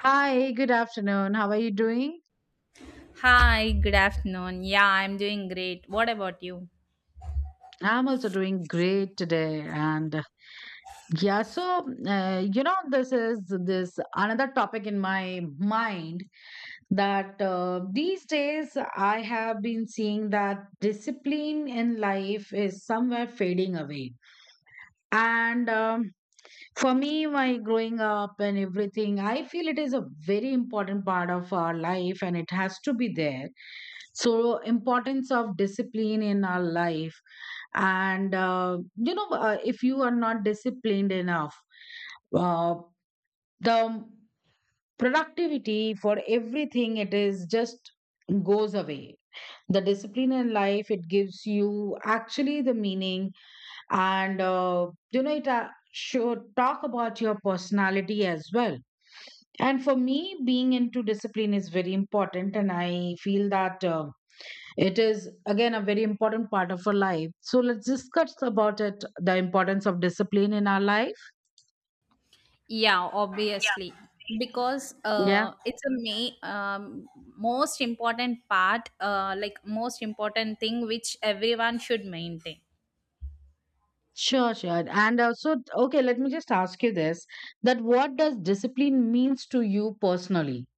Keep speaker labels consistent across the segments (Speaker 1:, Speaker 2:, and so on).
Speaker 1: Hi, good afternoon. How are you doing?
Speaker 2: Hi, good afternoon. Yeah, I'm doing great. What about you?
Speaker 1: I'm also doing great today. And yeah, so, you know, this is this another topic in my mind that these days I have been seeing that discipline in life is somewhere fading away. And for me, my growing up and everything, I feel it is a very important part of our life and it has to be there. So, importance of discipline in our life. If you are not disciplined enough, uh, the productivity for everything, it is just goes away. The discipline in life, it gives you actually the meaning and you know it should talk about your personality as well, and for me being into discipline is very important, and I feel that it is again a very important part of our life. So let's discuss about it, the importance of discipline in our life.
Speaker 2: Yeah, obviously.
Speaker 1: Yeah,
Speaker 2: Because
Speaker 1: yeah,
Speaker 2: it's a most important part, like most important thing which everyone should maintain.
Speaker 1: sure, and okay, let me just ask you this, that what does discipline means to you personally?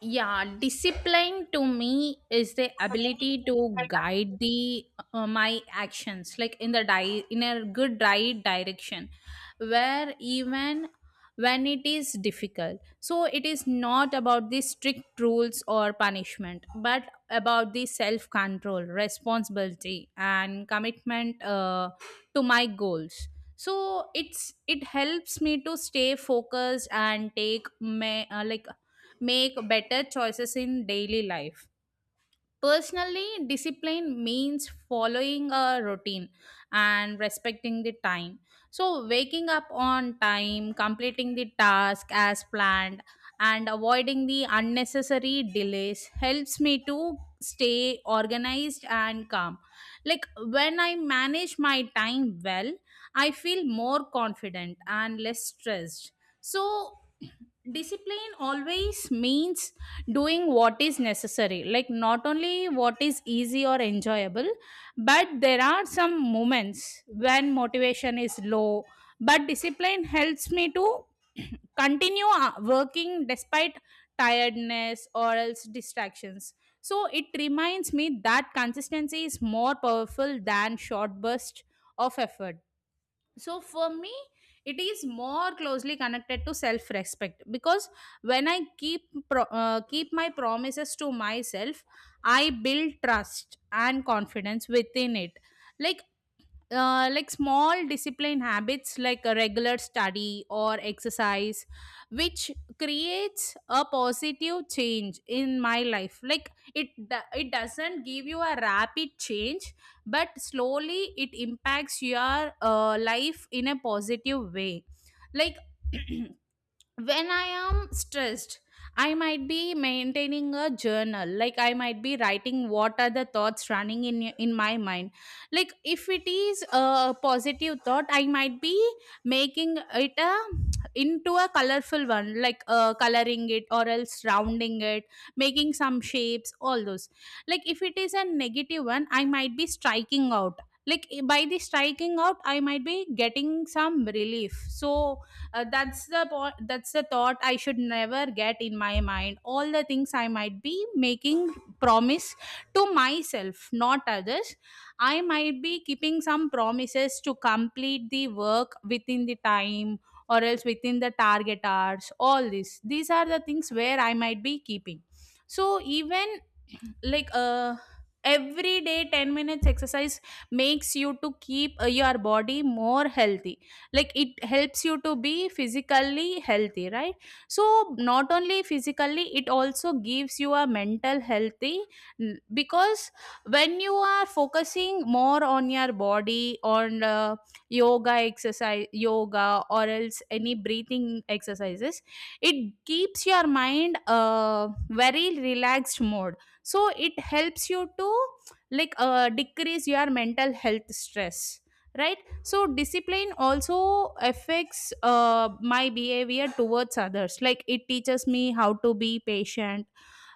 Speaker 2: Yeah, discipline to me is the ability to guide the my actions, like in a good right direction, where even when it is difficult. So it is not about the strict rules or punishment, but about the self control, responsibility, and commitment to my goals. So it helps me to stay focused and take my make better choices in daily life. Personally, discipline means following a routine and respecting the time. So, waking up on time, completing the task as planned, and avoiding the unnecessary delays helps me to stay organized and calm. Like when I manage my time well, I feel more confident and less stressed. So discipline always means doing what is necessary, like not only what is easy or enjoyable, but there are some moments when motivation is low, but discipline helps me to continue working despite tiredness or else distractions. So it reminds me that consistency is more powerful than short burst of effort. So for me, it is more closely connected to self respect because when I keep keep my promises to myself, I build trust and confidence within it. Like small discipline habits like a regular study or exercise, which creates a positive change in my life, like it doesn't give you a rapid change, but slowly it impacts your life in a positive way. Like when I am stressed, I might be maintaining a journal. Like I might be writing what are the thoughts running in my mind. Like if it is a positive thought, I might be making it a into a colorful one, like coloring it or else rounding it, making some shapes, all those. Like if it is a negative one, I might be striking out. Like by the striking out I might be getting some relief. So that's the thought I should never get in my mind. All the things I might be making promise to myself, not others. I might be keeping some promises to complete the work within the time or else within the target hours. All this, these are the things where I might be keeping. So even, like uh every day, 10 minutes exercise makes you to keep your body more healthy. Like it helps you to be physically healthy, right. So not only physically, it also gives you a mental healthy. Because when you are focusing more on your body, on yoga or else any breathing exercises, it keeps your mind very relaxed mode. So it helps you to decrease your mental health stress, right. So discipline also affects my behavior towards others. Like it teaches me how to be patient,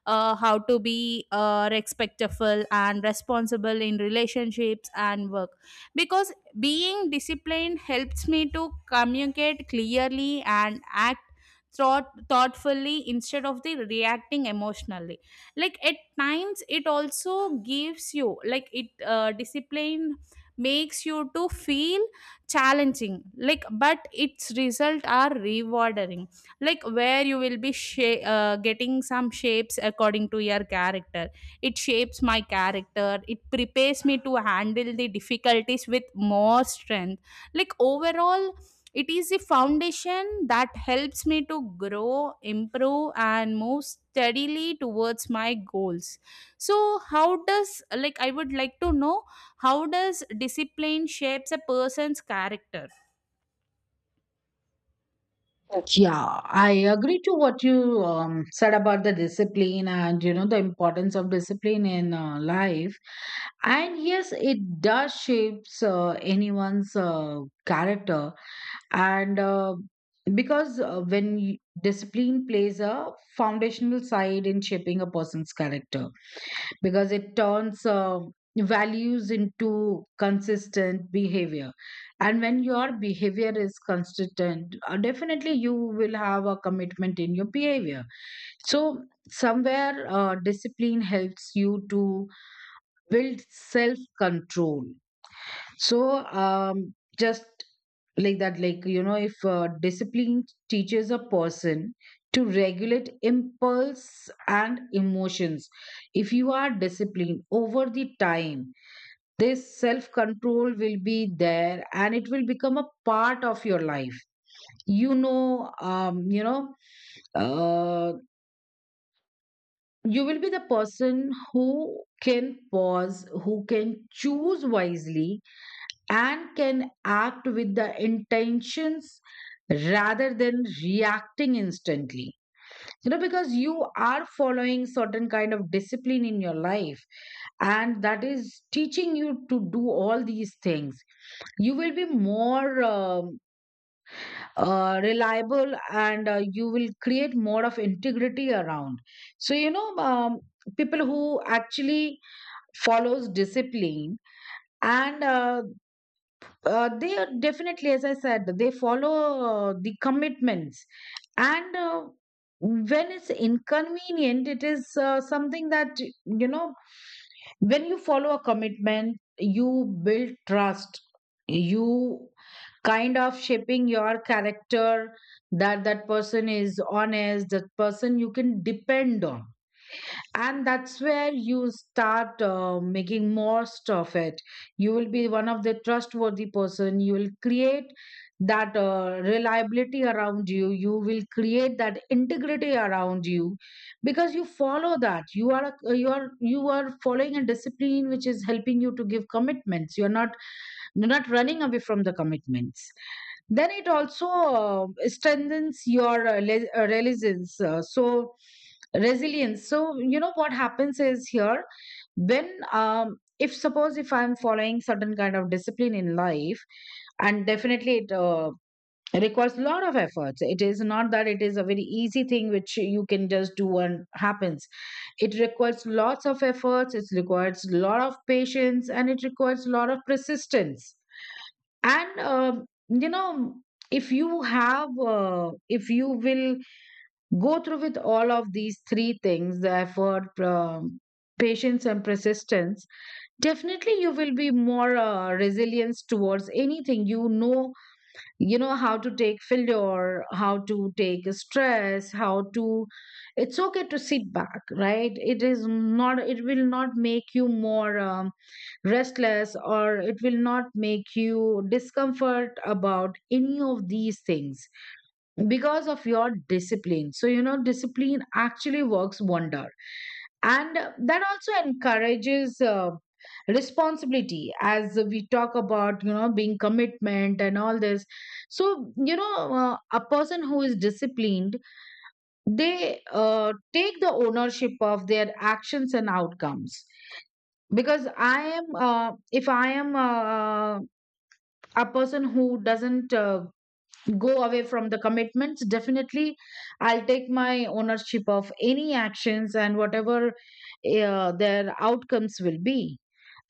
Speaker 2: how to be respectful and responsible in relationships and work. Because being disciplined helps me to communicate clearly and act thoughtfully, instead of the reacting emotionally. Like at times it also gives you, like it discipline makes you to feel challenging, like but its result are rewarding. Like where you will be getting some shapes according to your character. It shapes my character. It prepares me to handle the difficulties with more strength. Like overall, it is a foundation that helps me to grow, improve, and move steadily towards my goals. So how does, like, I would like to know, how does discipline shapes a person's character?
Speaker 1: Yeah, I agree to what you said about the discipline and you know the importance of discipline in life. And yes, it does shapes anyone's character. And because when y discipline plays a foundational side in shaping a person's character, because it turns values into consistent behavior, and when your behavior is consistent, definitely you will have a commitment in your behavior. So somewhere discipline helps you to build self control. So, just like that, like, you know, if discipline teaches a person to regulate impulse and emotions, if you are disciplined over the time, this self control will be there and it will become a part of your life. You know, um, you know, uh, you will be the person who can pause, who can choose wisely and can act with the intentions rather than reacting instantly. You know, because you are following certain kind of discipline in your life and that is teaching you to do all these things. You will be more reliable, and you will create more of integrity around. so you know um, people who actually follows discipline and they are definitely, as I said, they follow the commitments. And when it's inconvenient, it is something that, you know, when you follow a commitment, you build trust. You kind of shaping your character, that that person is honest, that person you can depend on, and that's where you start making most of it. You will be one of the trustworthy person, you will create that reliability around you, you will create that integrity around you, because you follow that. You are you are following a discipline which is helping you to give commitments. You're not running away from the commitments. Then it also strengthens your resilience. Resilience. So you know what happens is here, when if suppose if I'm following certain kind of discipline in life, and definitely it requires a lot of efforts. It is not that it is a very easy thing which you can just do and happens. It requires lots of efforts, it requires a lot of patience, and it requires a lot of persistence. And you know, if you have if you will go through with all of these three things, the effort, patience and persistence, definitely you will be more resilience towards anything. You know, you know how to take failure, how to take stress, how to, it's okay to sit back, right? It is not, it will not make you more restless, or it will not make you discomfort about any of these things because of your discipline. So you know, discipline actually works wonder. And that also encourages responsibility, as we talk about, you know, being commitment and all this. So you know, a person who is disciplined, they take the ownership of their actions and outcomes. Because I am if I am a person who doesn't go away from the commitments, definitely I'll take my ownership of any actions and whatever their outcomes will be.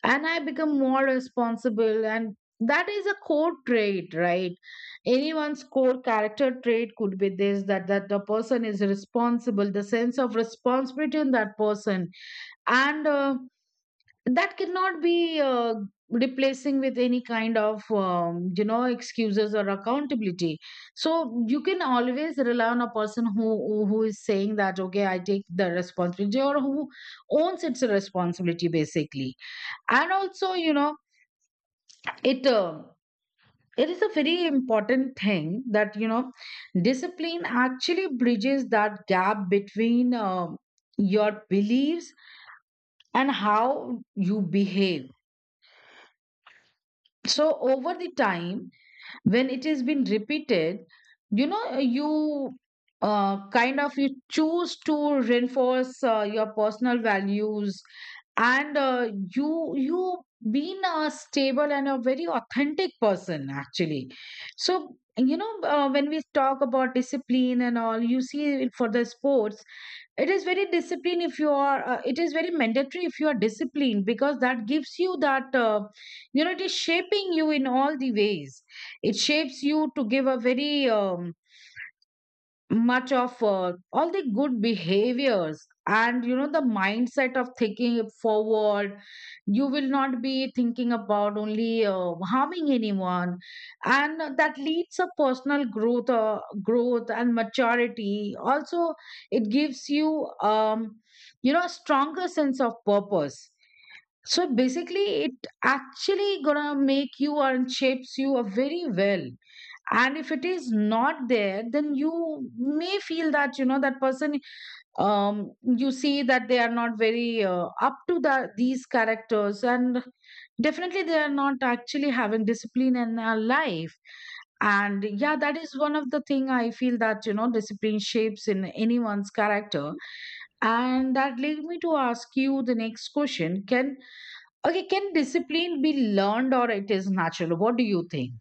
Speaker 1: And I become more responsible, and that is a core trait, right? Anyone's core character trait could be this, that that the person is responsible, the sense of responsibility in that person. And that cannot be replacing with any kind of excuses or accountability. So you can always rely on a person who is saying that okay, I take the responsibility, or who owns its responsibility basically. And also you know, it it is a very important thing that you know, discipline actually bridges that gap between your beliefs and how you behave. So over the time, when it has been repeated, you know, you kind of you choose to reinforce your personal values. And you been a stable and a very authentic person actually. So you know, when we talk about discipline and all, you see it for the sports. It is very discipline if you are it is very mandatory if you are disciplined, because that gives you that you know, it is shaping you in all the ways. It shapes you to give a very much of all the good behaviors, and you know, the mindset of thinking forward. You will not be thinking about only harming anyone. And that leads a personal growth, growth and maturity also. It gives you you know, a stronger sense of purpose. So basically it actually gonna make you and shapes you very well. And if it is not there, then you may feel that, you know, that person, um you see that they are not very up to the these characters, and definitely they are not actually having discipline in their life. And yeah, that is one of the thing I feel, that you know, discipline shapes in anyone's character. And that lead me to ask you the next question, can okay, can discipline be learned or it is natural? What do you think?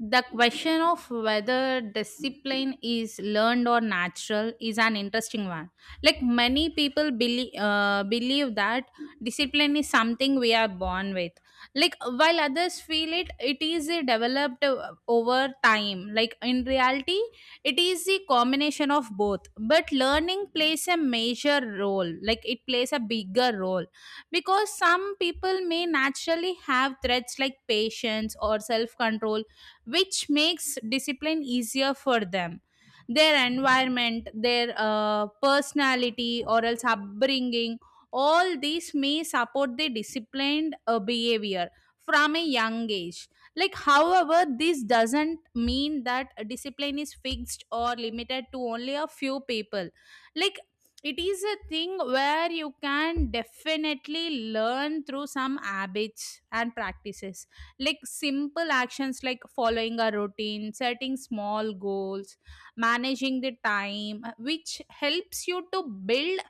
Speaker 2: The question of whether discipline is learned or natural is an interesting one. Like many people believe that discipline is something we are born with. Like while others feel it, it is a developed over time. Like in reality, it is a combination of both. But learning plays a major role. Like it plays a bigger role because some people may naturally have traits like patience or self control, which makes discipline easier for them. Their environment, their personality, or else upbringing, all these may support the disciplined behavior from a young age. Like however, this doesn't mean that discipline is fixed or limited to only a few people. Like it is a thing where you can definitely learn through some habits and practices. Like simple actions like following a routine, setting small goals, managing the time, which helps you to build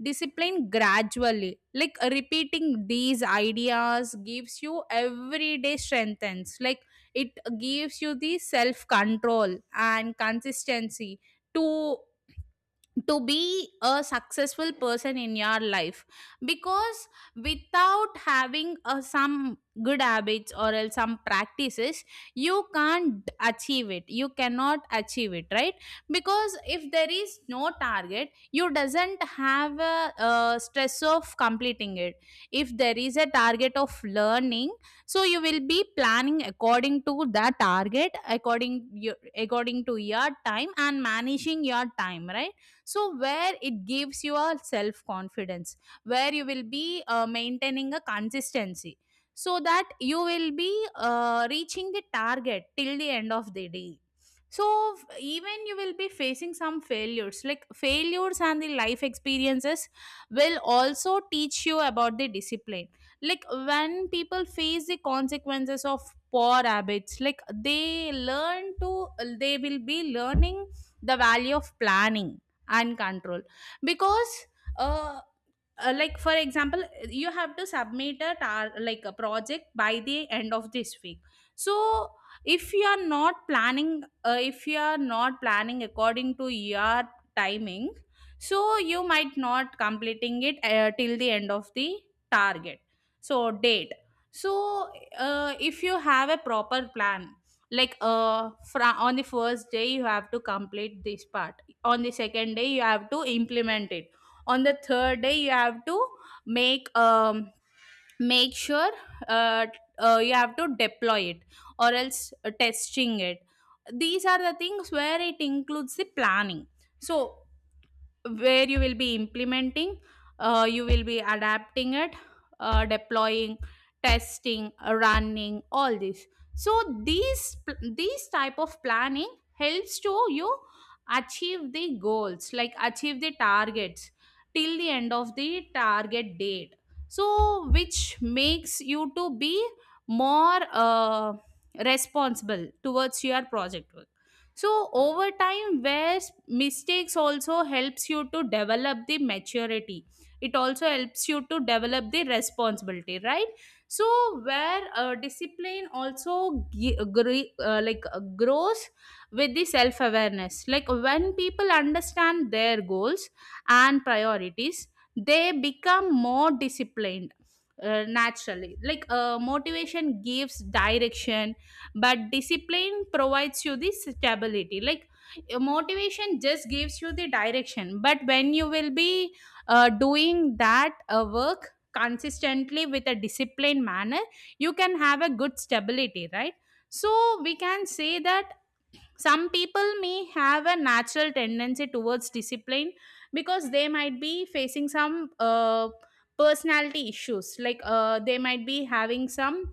Speaker 2: discipline gradually. Like repeating these ideas gives you everyday strengthens. Like it gives you the self control and consistency to be a successful person in your life. Because without having some good habits or else some practices, you can't achieve it. You cannot achieve it, right. Because if there is no target, you doesn't have stress of completing it. If there is a target of learning, so you will be planning according to that target, according to your time and managing your time, right. So where it gives you a self confidence, where you will be maintaining a consistency, so that you will be reaching the target till the end of the day. So even you will be facing some failures. Like failures and the life experiences will also teach you about the discipline. Like when people face the consequences of poor habits, like they learn to they will be learning the value of planning and control. Because uh, like for example, you have to submit like a project by the end of this week. So if you are not planning according to your timing, so you might not completing it till the end of the target, so date. So if you have a proper plan, like on the first day you have to complete this part, on the second day you have to implement it, on the third day you have to make um make sure, uh, you have to deploy it, or else testing it. These are the things where it includes the planning. So where you will be implementing you will be adapting it, deploying, testing, running, all this. So these type of planning helps to you achieve the goals, like achieve the targets till the end of the target date. So which makes you to be more responsible towards your project. So over time, where mistakes also helps you to develop the maturity. It also helps you to develop the responsibility, right. So where discipline also grows with the self awareness. Like when people understand their goals and priorities, they become more disciplined naturally. Like motivation gives direction, but discipline provides you the stability. Like motivation just gives you the direction, but when you will be doing that work consistently with a disciplined manner, you can have a good stability, right. So we can say that some people may have a natural tendency towards discipline because they might be facing some personality issues. Like they might be having some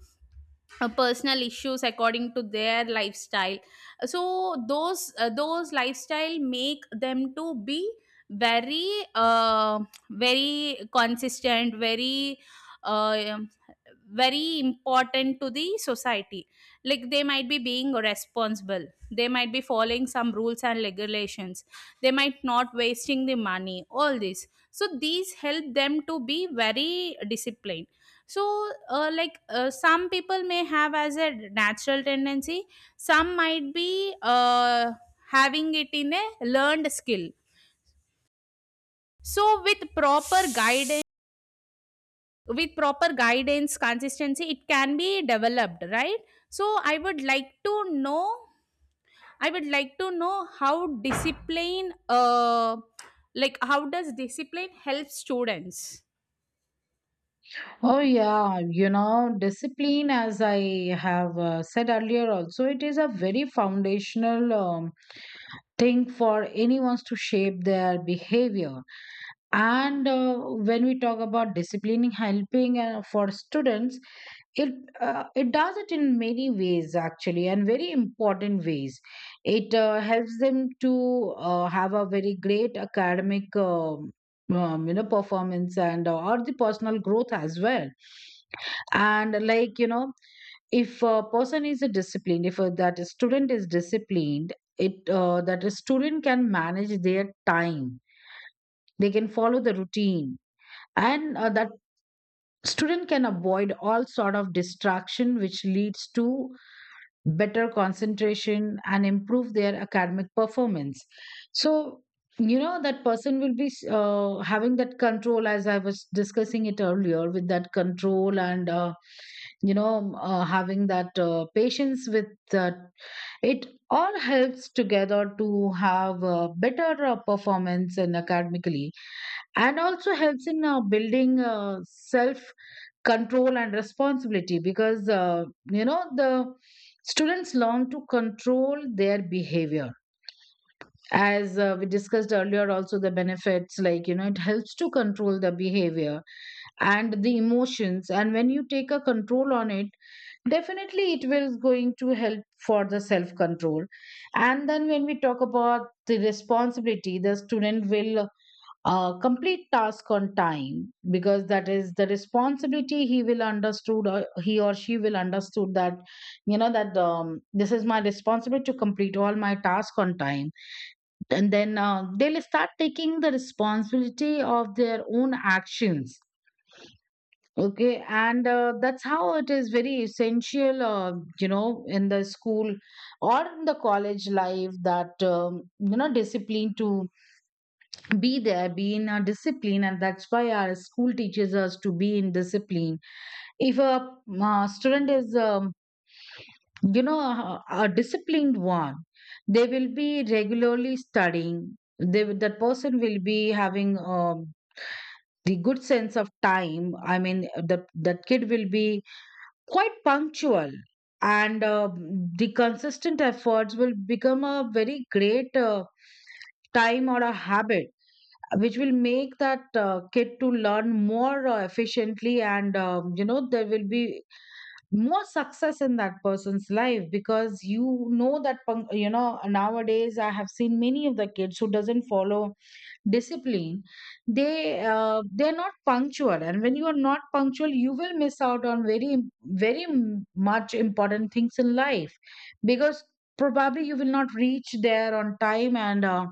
Speaker 2: personal issues according to their lifestyle. So those lifestyle make them to be very, uh, very consistent, very, uh, very important to the society. Like they might be being responsible, they might be following some rules and regulations, they might not wasting the money, all this. So these help them to be very disciplined. So, some people may have as a natural tendency, some might be having it in a learned skill. So with proper guidance, consistency, it can be developed, right. So I would like to know, how discipline, how does discipline help students?
Speaker 1: Oh, yeah, you know, discipline, as I have said earlier, also, it is a very foundational thing for anyone's to shape their behavior. And when we talk about disciplining, helping for students, it it does it in many ways actually, and very important ways. It helps them to have a very great academic performance, and or the personal growth as well. And like, you know, if a person is a disciplined, if a, that a student is disciplined, it that a student can manage their time, they can follow the routine, and that student can avoid all sort of distraction, which leads to better concentration and improve their academic performance. So you know, that person will be having that control, as I was discussing it earlier, with that control and having that patience, with that it all helps together to have a better performance and academically. And also helps in building self control and responsibility. Because the students learn to control their behavior, as we discussed earlier also, the benefits, like you know, it helps to control the behavior and the emotions. And when you take a control on it, definitely it will going to help for the self control. And then when we talk about the responsibility, the student will complete task on time, because that is the responsibility, he will understood, or he or she will understood that, you know, that this is my responsibility to complete all my task on time. And then they'll start taking the responsibility of their own actions. Okay, and that's how it is very essential, in the school or in the college life, that discipline to be there, be in a discipline, and that's why our school teaches us to be in discipline. If a student is a disciplined one, they will be regularly studying, that person will be having the good sense of time, I mean that that kid will be quite punctual. And the consistent efforts will become a very great time or a habit, which will make that kid to learn more efficiently. And you know, there will be more success in that person's life, because you know that you know, nowadays I have seen many of the kids who doesn't follow discipline. They they're not punctual, and when you are not punctual, you will miss out on very, very much important things in life. Because probably you will not reach there on time, and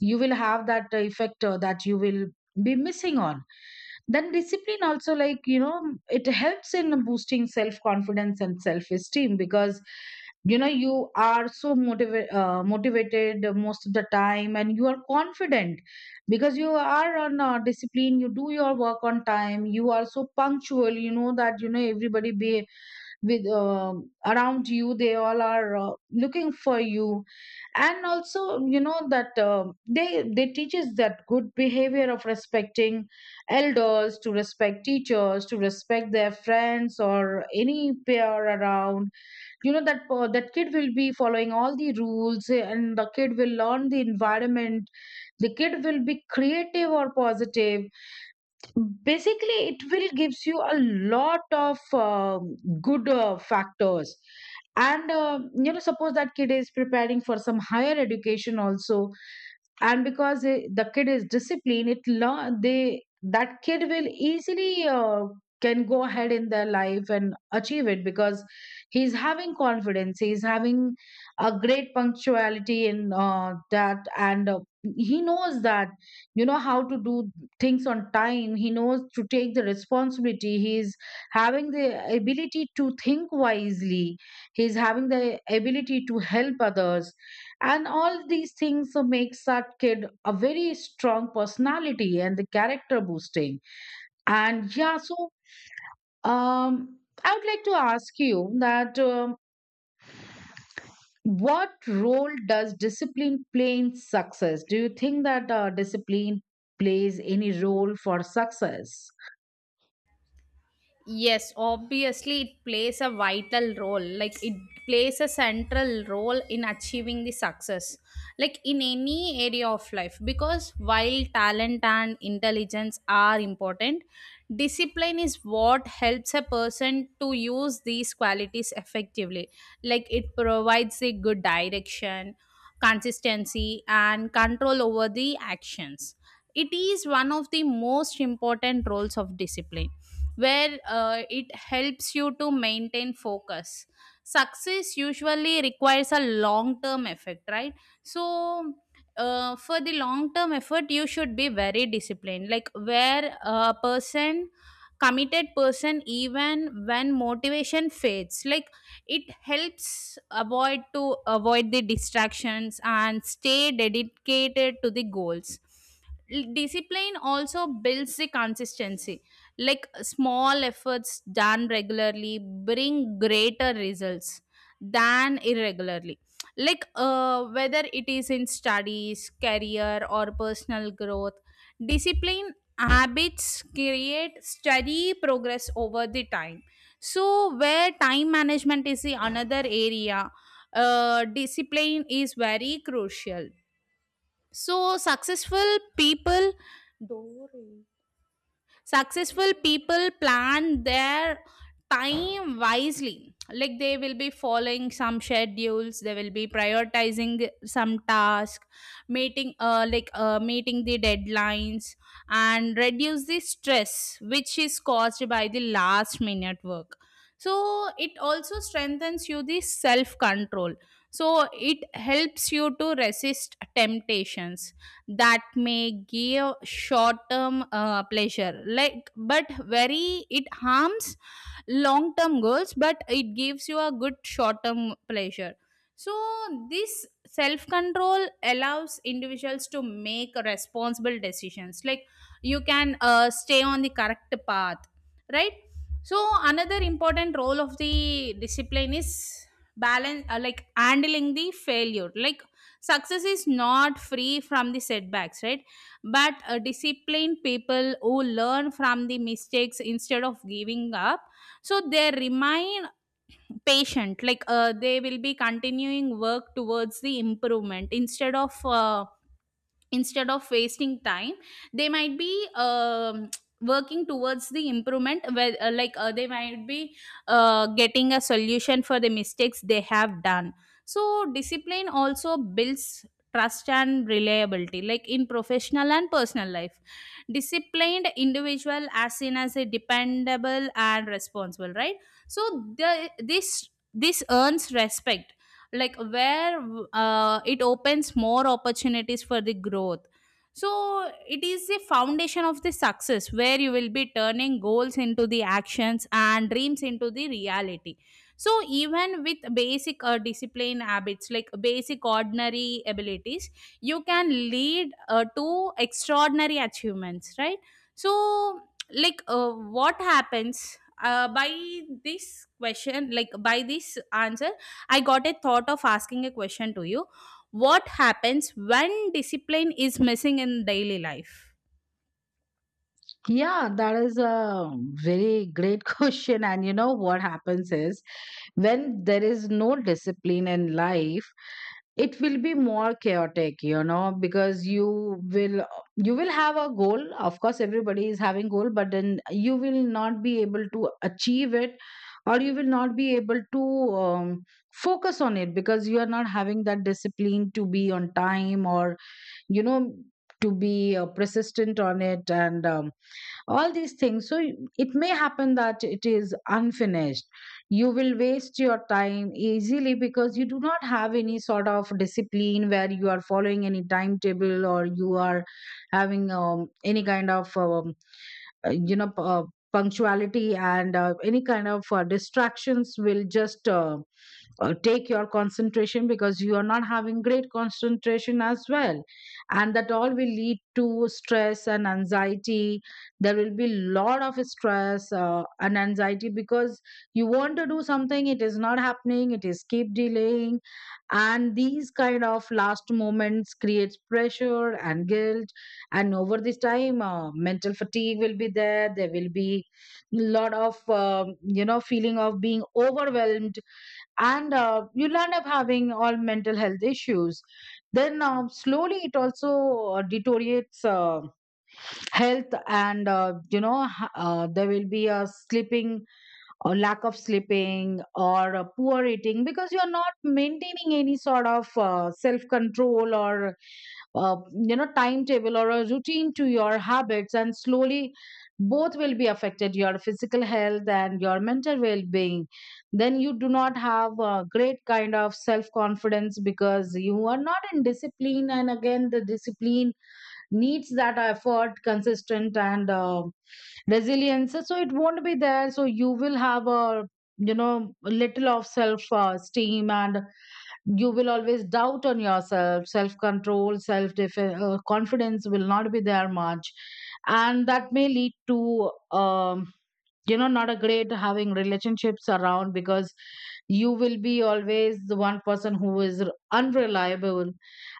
Speaker 1: you will have that effect that you will be missing on. Then discipline also, like, it helps in boosting self confidence and self esteem, because you are so motivated most of the time, and you are confident because you are on discipline, you do your work on time, you are so punctual, you know that everybody be with around you, they all are looking for you. And also you know that they teaches that good behavior of respecting elders, to respect teachers, to respect their friends or any peer around. You know that that kid will be following all the rules, and the kid will learn the environment, the kid will be creative or positive. Basically, it will gives you a lot of um good factors. And suppose that kid is preparing for some higher education also, and because the kid is disciplined, it learn they that kid will easily can go ahead in their life and achieve it, because he's having confidence, he's having a great punctuality in that. And he knows that you know how to do things on time, he knows to take the responsibility, he's having the ability to think wisely, he's having the ability to help others, and all these things makes that kid a very strong personality and the character boosting. And yeah, so um I would like to ask you that what role does discipline play in success? Do you think that discipline plays any role for success?
Speaker 2: Yes, obviously it plays a vital role. Like it plays a central role in achieving the success, like in any area of life. Because while talent and intelligence are important, discipline is what helps a person to use these qualities effectively. Like it provides a good direction, consistency, and control over the actions. It is one of the most important roles of discipline where it helps you to maintain focus. Success usually requires a long term effect, right? So, for the long term effort, you should be very disciplined. Like, where a person committed person, even when motivation fades, like it helps avoid the distractions and stay dedicated to the goals. Discipline also builds the consistency. Like small efforts done regularly bring greater results than irregularly. Like whether it is in studies, career, or personal growth, discipline habits create steady progress over the time. So where time management is the another area, discipline is very crucial. So people successful people plan their time wisely. Like they will be following some schedules, they will be prioritizing some task, meeting the deadlines, and reduce the stress which is caused by the last minute work. So it also strengthens you the self control. So it helps you to resist temptations that may give short term pleasure, like but very it harms long term goals, but it gives you a good short term pleasure. So this self control allows individuals to make responsible decisions, like you can stay on the correct path, right. So another important role of the discipline is balance, like handling the failure. Like success is not free from the setbacks, right. But disciplined people who learn from the mistakes instead of giving up, so they remain patient. Like they will be continuing work towards the improvement, instead of wasting time. They might be working towards the improvement, where they might be getting a solution for the mistakes they have done. So discipline also builds trust and reliability, like in professional and personal life, disciplined individual as seen as a dependable and responsible, right. So the, this earns respect. Like where it opens more opportunities for the growth. So it is the foundation of the success, where you will be turning goals into the actions and dreams into the reality. So even with basic discipline habits, like basic ordinary abilities, you can lead to extraordinary achievements, right. So what happens, by this question, like by this answer, I got a thought of asking a question to you. What happens when discipline is missing in daily life?
Speaker 1: Yeah, that is a very great question. And you know what happens is, when there is no discipline in life, it will be more chaotic, because you will have a goal. Of course, everybody is having goal, but then you will not be able to achieve it, or you will not be able to focus on it, because you are not having that discipline to be on time, or you know to be persistent on it, and all these things. So it may happen that it is unfinished. You will waste your time easily because you do not have any sort of discipline where you are following any timetable, or you are having any kind of uh, you know p- uh, punctuality, and any kind of distractions will just take your concentration, because you are not having great concentration as well. And that all will lead to stress and anxiety. There will be lot of stress and anxiety, because you want to do something, it is not happening, it is keep delaying, and these kind of last moments creates pressure and guilt. And over this time, mental fatigue will be there, there will be lot of feeling of being overwhelmed, and you'll end up having all mental health issues. Then slowly, it also deteriorates health. And there will be a sleeping, or lack of sleeping, or a poor eating, because you're not maintaining any sort of self control, or uh, timetable, or a routine to your habits. And slowly, both will be affected, your physical health and your mental well-being. Then you do not have a great kind of self-confidence, because you are not in discipline, and again the discipline needs that effort, consistent and resilience, so it won't be there. So you will have a little of self esteem, and you will always doubt on yourself, self control, self confidence will not be there much. And that may lead to not a great having relationships around, because you will be always the one person who is unreliable,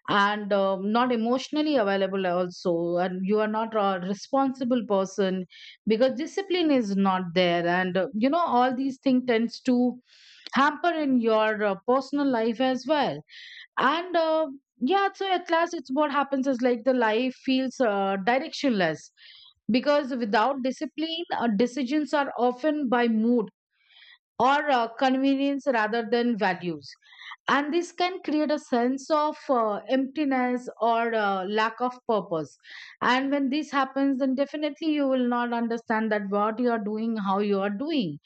Speaker 1: and not emotionally available also, and you are not a responsible person, because discipline is not there. And all these things tends to hamper in your personal life as well. And yeah, so at last, it's what happens is, like, the life feels directionless, because without discipline, decisions are often by mood, or convenience rather than values. And this can create a sense of emptiness or lack of purpose. And when this happens, then definitely you will not understand that what you are doing, how you are doing.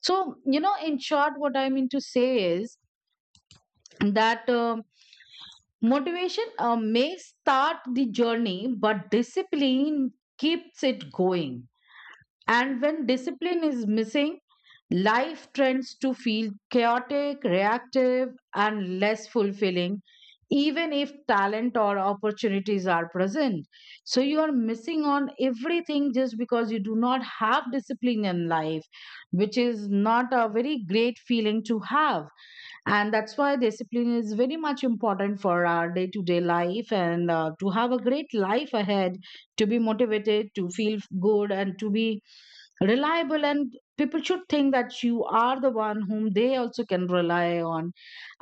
Speaker 1: So, in short, what I mean to say is that motivation may start the journey, but discipline keeps it going. And when discipline is missing, life tends to feel chaotic, reactive, and less fulfilling, even if talent or opportunities are present. So, you are missing on everything just because you do not have discipline in life, which is not a very great feeling to have. And that's why discipline is very much important for our day to day life, and to have a great life ahead, to be motivated, to feel good, and to be reliable, and people should think that you are the one whom they also can rely on.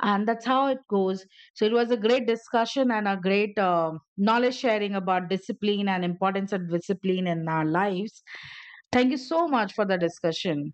Speaker 1: And that's how it goes. So it was a great discussion and a great knowledge sharing about discipline and importance of discipline in our lives. Thank you so much for the discussion.